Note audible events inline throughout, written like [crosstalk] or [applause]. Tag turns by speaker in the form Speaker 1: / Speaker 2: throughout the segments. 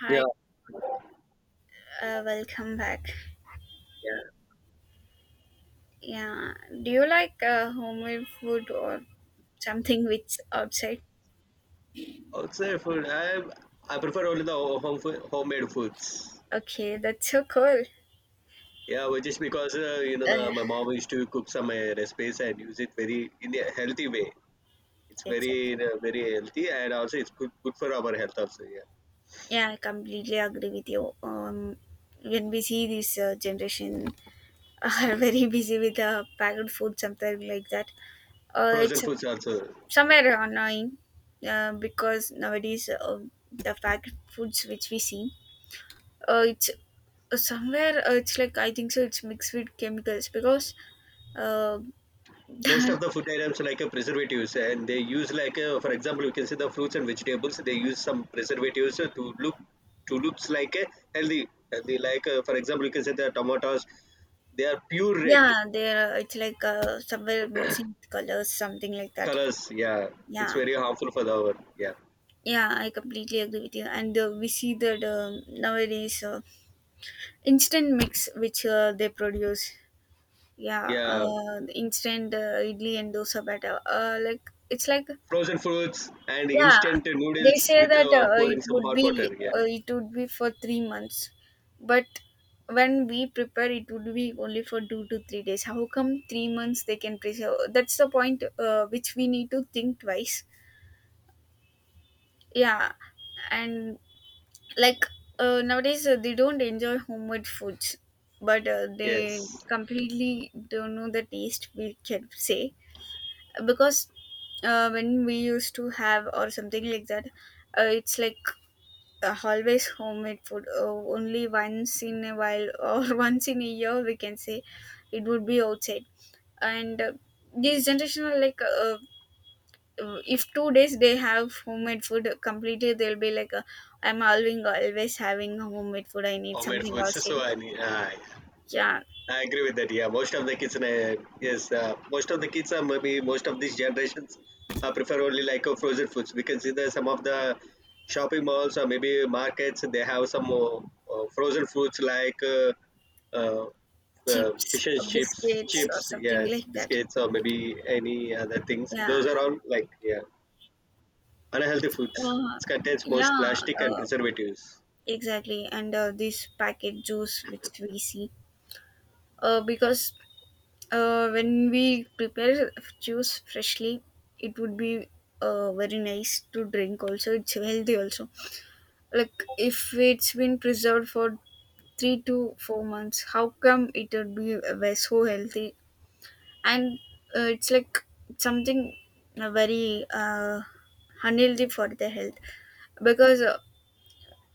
Speaker 1: Hi,
Speaker 2: Yeah,
Speaker 1: welcome back.
Speaker 2: yeah.
Speaker 1: Yeah, do you like homemade food or something which outside?
Speaker 2: Outside food, I prefer only the home food, homemade foods.
Speaker 1: Okay, that's so cool.
Speaker 2: Yeah, well, just because you know
Speaker 1: Uh,
Speaker 2: the my mom used to cook some recipes and use it very in a healthy way. It's
Speaker 1: exactly.
Speaker 2: very healthy, and also it's good for our health also. Yeah,
Speaker 1: Yeah, I completely agree with you. When we see this generation are [laughs] very busy with packaged food, something like that.
Speaker 2: frozen
Speaker 1: It's
Speaker 2: foods also. Yeah,
Speaker 1: somewhere annoying because nowadays the packaged foods which we see, it's somewhere it's like I think so. It's mixed with chemicals because uh. [laughs]
Speaker 2: most of the food items like a preservatives, and they use like for example, you can see the fruits and vegetables they use some preservatives to looks like a healthy like for example, you can say the tomatoes they are pure red
Speaker 1: Yeah, there it's like somewhere mixing colors, something like that.
Speaker 2: colors, yeah, it's
Speaker 1: Yeah,
Speaker 2: very harmful for the our, yeah,
Speaker 1: yeah, I completely agree with you. And we see that nowadays instant mix which they produce. Yeah,
Speaker 2: yeah,
Speaker 1: the instant idli and dosa batter. Uh, like it's like.
Speaker 2: frozen foods and
Speaker 1: Yeah,
Speaker 2: instant
Speaker 1: they
Speaker 2: noodles
Speaker 1: say
Speaker 2: with
Speaker 1: that
Speaker 2: pouring some hot water, yeah,
Speaker 1: it would be for 3 months, but when we prepare, it would be only for 2 to 3 days. How come 3 months they can preserve? That's the point which we need to think twice. Yeah, and like nowadays they don't enjoy homemade foods, but they
Speaker 2: yes,
Speaker 1: completely don't know the taste. We can say because when we used to have or something like that, it's like always homemade food only once in a while or [laughs] once in a year we can say it would be outside and this generation are like if 2 days they have homemade food completely they'll be like I'm always having homemade food, I need
Speaker 2: homemade
Speaker 1: something
Speaker 2: foods
Speaker 1: outside.
Speaker 2: so I need
Speaker 1: Yeah,
Speaker 2: I agree with that. Yeah, most of the kids, yes, most of the kids are maybe most of these generations prefer only like frozen foods. We can see that some of the shopping malls or maybe markets they have some frozen foods like uh,
Speaker 1: chips,
Speaker 2: fish and chips,
Speaker 1: biscuits or
Speaker 2: chips,
Speaker 1: something
Speaker 2: yes,
Speaker 1: like that.
Speaker 2: biscuits or maybe any other things.
Speaker 1: Yeah.
Speaker 2: Those are all like, yeah, unhealthy foods.
Speaker 1: uh,
Speaker 2: It contains most
Speaker 1: yeah
Speaker 2: plastic and
Speaker 1: uh,
Speaker 2: preservatives.
Speaker 1: exactly. And this packet juice which we see because when we prepare juice freshly, it would be very nice to drink. Also, it's healthy. Also, like if it's been preserved for 3 to 4 months, how come it would be so healthy? And it's like something very unhealthy for the health because uh,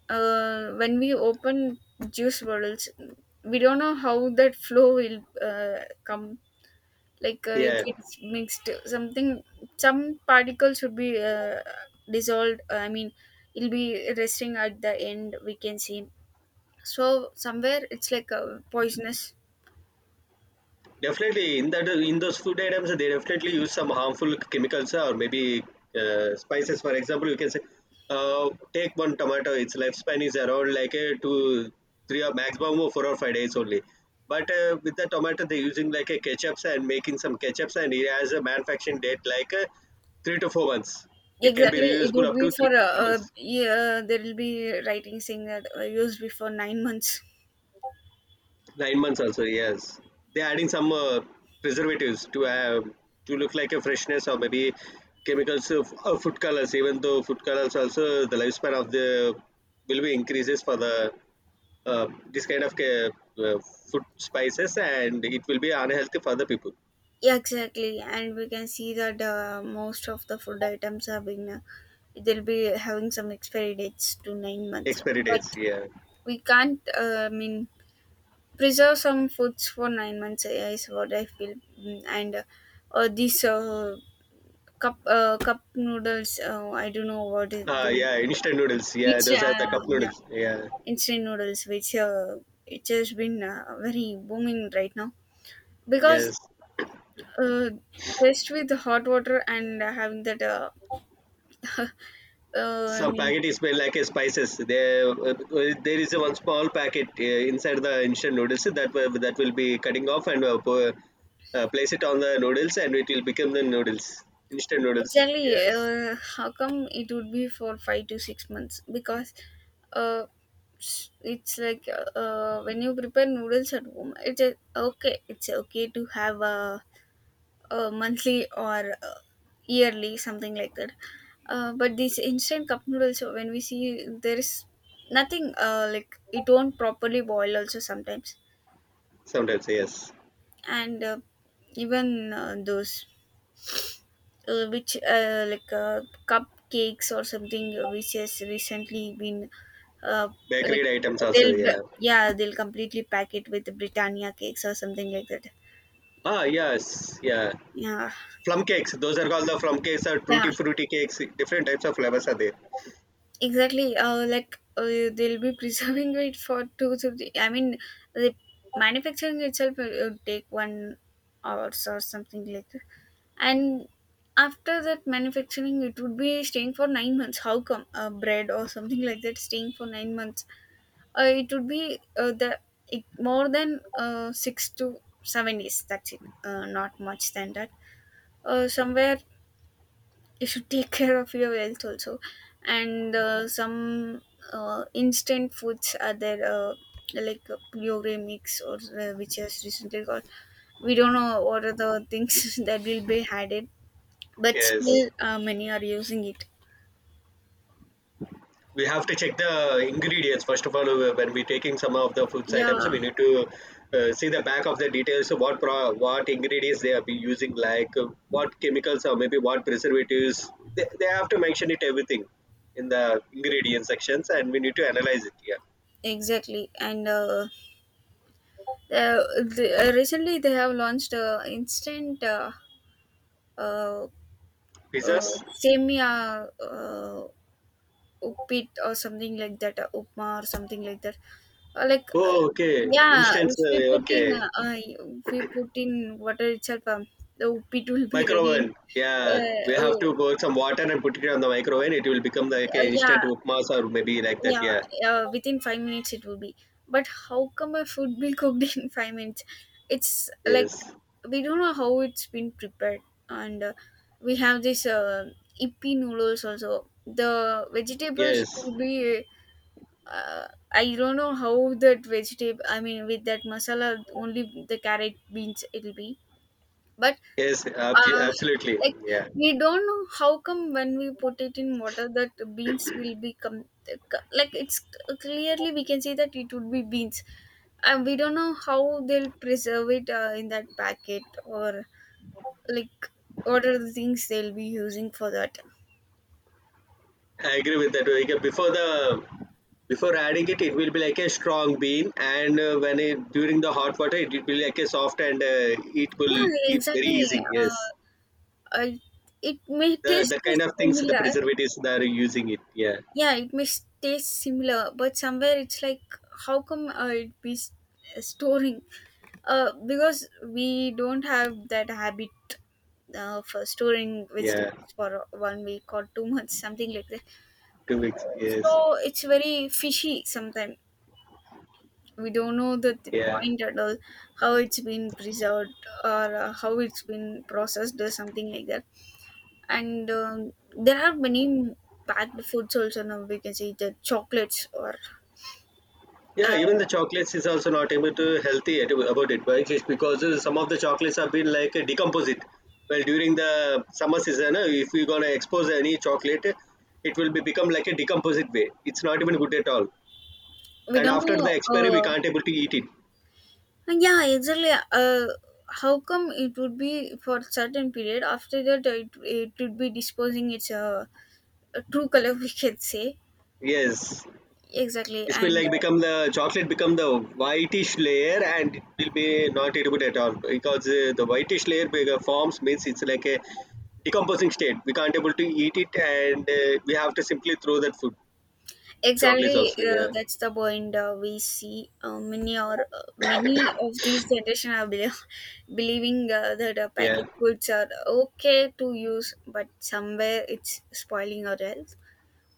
Speaker 1: uh, when we open juice bottles, we don't know how that flow will come, like if
Speaker 2: Yeah.
Speaker 1: it's mixed something, some particles should be dissolved. I mean, it'll be resting at the end we can see, so somewhere it's like poisonous.
Speaker 2: Definitely, in that in those food items, they definitely use some harmful chemicals or maybe spices. For example, you can say, take one tomato; its lifespan is around like a two, three or maximum of 4 or 5 days only. But with the tomato, they're using like a ketchups and making some ketchups, and it has a manufacturing date like 3 to 4 months. It can be
Speaker 1: Exactly, it
Speaker 2: reusable
Speaker 1: would
Speaker 2: up
Speaker 1: be
Speaker 2: to
Speaker 1: for
Speaker 2: three months.
Speaker 1: yeah, there will be writing saying that used before 9 months.
Speaker 2: 9 months also, yes. They're adding some preservatives to have to look like a freshness or maybe chemicals of food colors. Even though food colors also the lifespan of the will be increases for the this kind of uh, food spices, and it will be unhealthy for the people.
Speaker 1: [laughs] Yeah, exactly. And we can see that most of the food items have been they'll be having some expiry dates to 9 months,
Speaker 2: Expiry dates,
Speaker 1: but
Speaker 2: yeah.
Speaker 1: we can't I mean, preserve some foods for 9 months is what I feel. Mm. And these cup noodles, I don't know what is the
Speaker 2: Yeah, instant noodles, yeah,
Speaker 1: it's
Speaker 2: those are the cup
Speaker 1: yeah,
Speaker 2: noodles, yeah,
Speaker 1: instant noodles, which it has been very booming right now because
Speaker 2: yes.
Speaker 1: uh, just with hot water and having that [laughs] I
Speaker 2: Some
Speaker 1: mean,
Speaker 2: packet is made like a spices. There, there is a one small packet inside the instant noodles that will be cutting off and place it on the noodles, and it will become the noodles. Instant noodles.
Speaker 1: exactly.
Speaker 2: Yes.
Speaker 1: How come it would be for 5 to 6 months? Because uh, s- it's like when you prepare noodles at home, it's a, okay. It's okay to have a monthly or yearly something like that. But these instant cup noodles, so when we see there is nothing like it won't properly boil also sometimes,
Speaker 2: Sometimes yes.
Speaker 1: and even those which like cupcakes or something which has recently been uh, like
Speaker 2: Bakery items also.
Speaker 1: they'll
Speaker 2: Yeah.
Speaker 1: yeah, they'll completely pack it with Britannia cakes or something like that.
Speaker 2: Ah, yes. Yeah.
Speaker 1: Yeah.
Speaker 2: Plum cakes. Those are called the plum cakes or fruity
Speaker 1: Yeah,
Speaker 2: fruity cakes. Different types of flavors are there.
Speaker 1: exactly. They'll be [laughs] preserving it for two to three, I mean, the manufacturing itself will take 1 hours or something like that, and after that manufacturing it would be staying for 9 months. How come bread or something like that staying for 9 months? It would be the it, more than 6 to 7 days. That's it. Not much than that. Somewhere [laughs] you should take [laughs] care of your health also, and some instant foods are there. Pure mix or which has recently got, we don't know what are the things [laughs] that will be added, but
Speaker 2: Yes.
Speaker 1: still many are using it.
Speaker 2: We have to check the ingredients first of all when we're taking some of the foods
Speaker 1: Yeah,
Speaker 2: items we need to see the back of the details of what ingredients they are be using, like what chemicals or maybe what preservatives they have to mention it everything in the ingredient sections, and we need to analyze it, yeah.
Speaker 1: exactly. And uh, recently they have launched instant uh,
Speaker 2: Pizzas.
Speaker 1: semia uppit or something like that, upma or something like that. Uh, like uh,
Speaker 2: Oh, okay,
Speaker 1: yeah,
Speaker 2: instance,
Speaker 1: if we put in
Speaker 2: okay.
Speaker 1: if we put in water itself, the uppit will be ready.
Speaker 2: Microwave, yeah,
Speaker 1: Uh,
Speaker 2: we have
Speaker 1: oh,
Speaker 2: to boil some water and put it on the microwave, it will become like
Speaker 1: uh,
Speaker 2: an
Speaker 1: yeah,
Speaker 2: instant upmas or maybe like that,
Speaker 1: yeah.
Speaker 2: yeah,
Speaker 1: Within 5 minutes it will be. But how come a food be cooked [laughs] in 5 minutes? It's like
Speaker 2: yes,
Speaker 1: we don't know how it's been prepared. And we have this ippy noodles also the vegetables
Speaker 2: yes.
Speaker 1: will be I don't know how that vegetable, I mean, with that masala only the carrot beans it'll be, but
Speaker 2: Yes,
Speaker 1: uh,
Speaker 2: absolutely.
Speaker 1: like
Speaker 2: Yeah,
Speaker 1: we don't know how come when we put it in water that the beans will become, like it's clearly we can see that it would be beans, and we don't know how they'll preserve it in that packet or like what are the things they'll be using for that.
Speaker 2: I agree with that. Like, before the before adding it, it will be like a strong bean, and when it during the hot water, it will be like a soft, and it will
Speaker 1: Yeah,
Speaker 2: eat very
Speaker 1: exactly.
Speaker 2: easy.
Speaker 1: uh,
Speaker 2: Yes,
Speaker 1: I, it may
Speaker 2: the
Speaker 1: taste
Speaker 2: the kind of things the
Speaker 1: similar.
Speaker 2: preservatives that are using it. Yeah,
Speaker 1: Yeah, it may taste similar, but somewhere it's like how come it be storing because we don't have that habit for storing
Speaker 2: yeah,
Speaker 1: vegetables for 1 week or 2 months something like that.
Speaker 2: 2 weeks. Yes,
Speaker 1: So it's very fishy sometimes, we don't know the
Speaker 2: yeah.
Speaker 1: point at all how it's been preserved or how it's been processed or something like that. And there are many packed foods also, now we can see the chocolates or
Speaker 2: Yeah, even the
Speaker 1: uh,
Speaker 2: chocolates is also not able to healthy about it, but it's because some of the chocolates have been like decomposite. Well, during the summer season, if we're gonna expose any chocolate, it will be become like a decomposite way. It's not even good at all.
Speaker 1: we
Speaker 2: And
Speaker 1: don't
Speaker 2: after the
Speaker 1: know
Speaker 2: expiry, we can't able to eat it.
Speaker 1: yeah, exactly, how come it would be for certain period, after that it would be disposing its true color, [laughs] we can say.
Speaker 2: Yes,
Speaker 1: Exactly.
Speaker 2: it will
Speaker 1: And
Speaker 2: like become the chocolate become the whitish layer, and it will be not edible at all because the whitish forms means it's like a decomposing state. We can't able to eat it, and we have to simply throw that food. Chocolates
Speaker 1: exactly,
Speaker 2: also, yeah,
Speaker 1: that's the point we see. Many of these generation are bel [laughs] believing that
Speaker 2: yeah.
Speaker 1: packet foods are okay to use, but somewhere it's spoiling our health.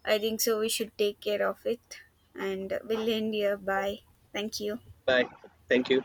Speaker 1: I think so. We should take care of it, and we'll end here. Bye. Thank you.
Speaker 2: Bye. Thank you.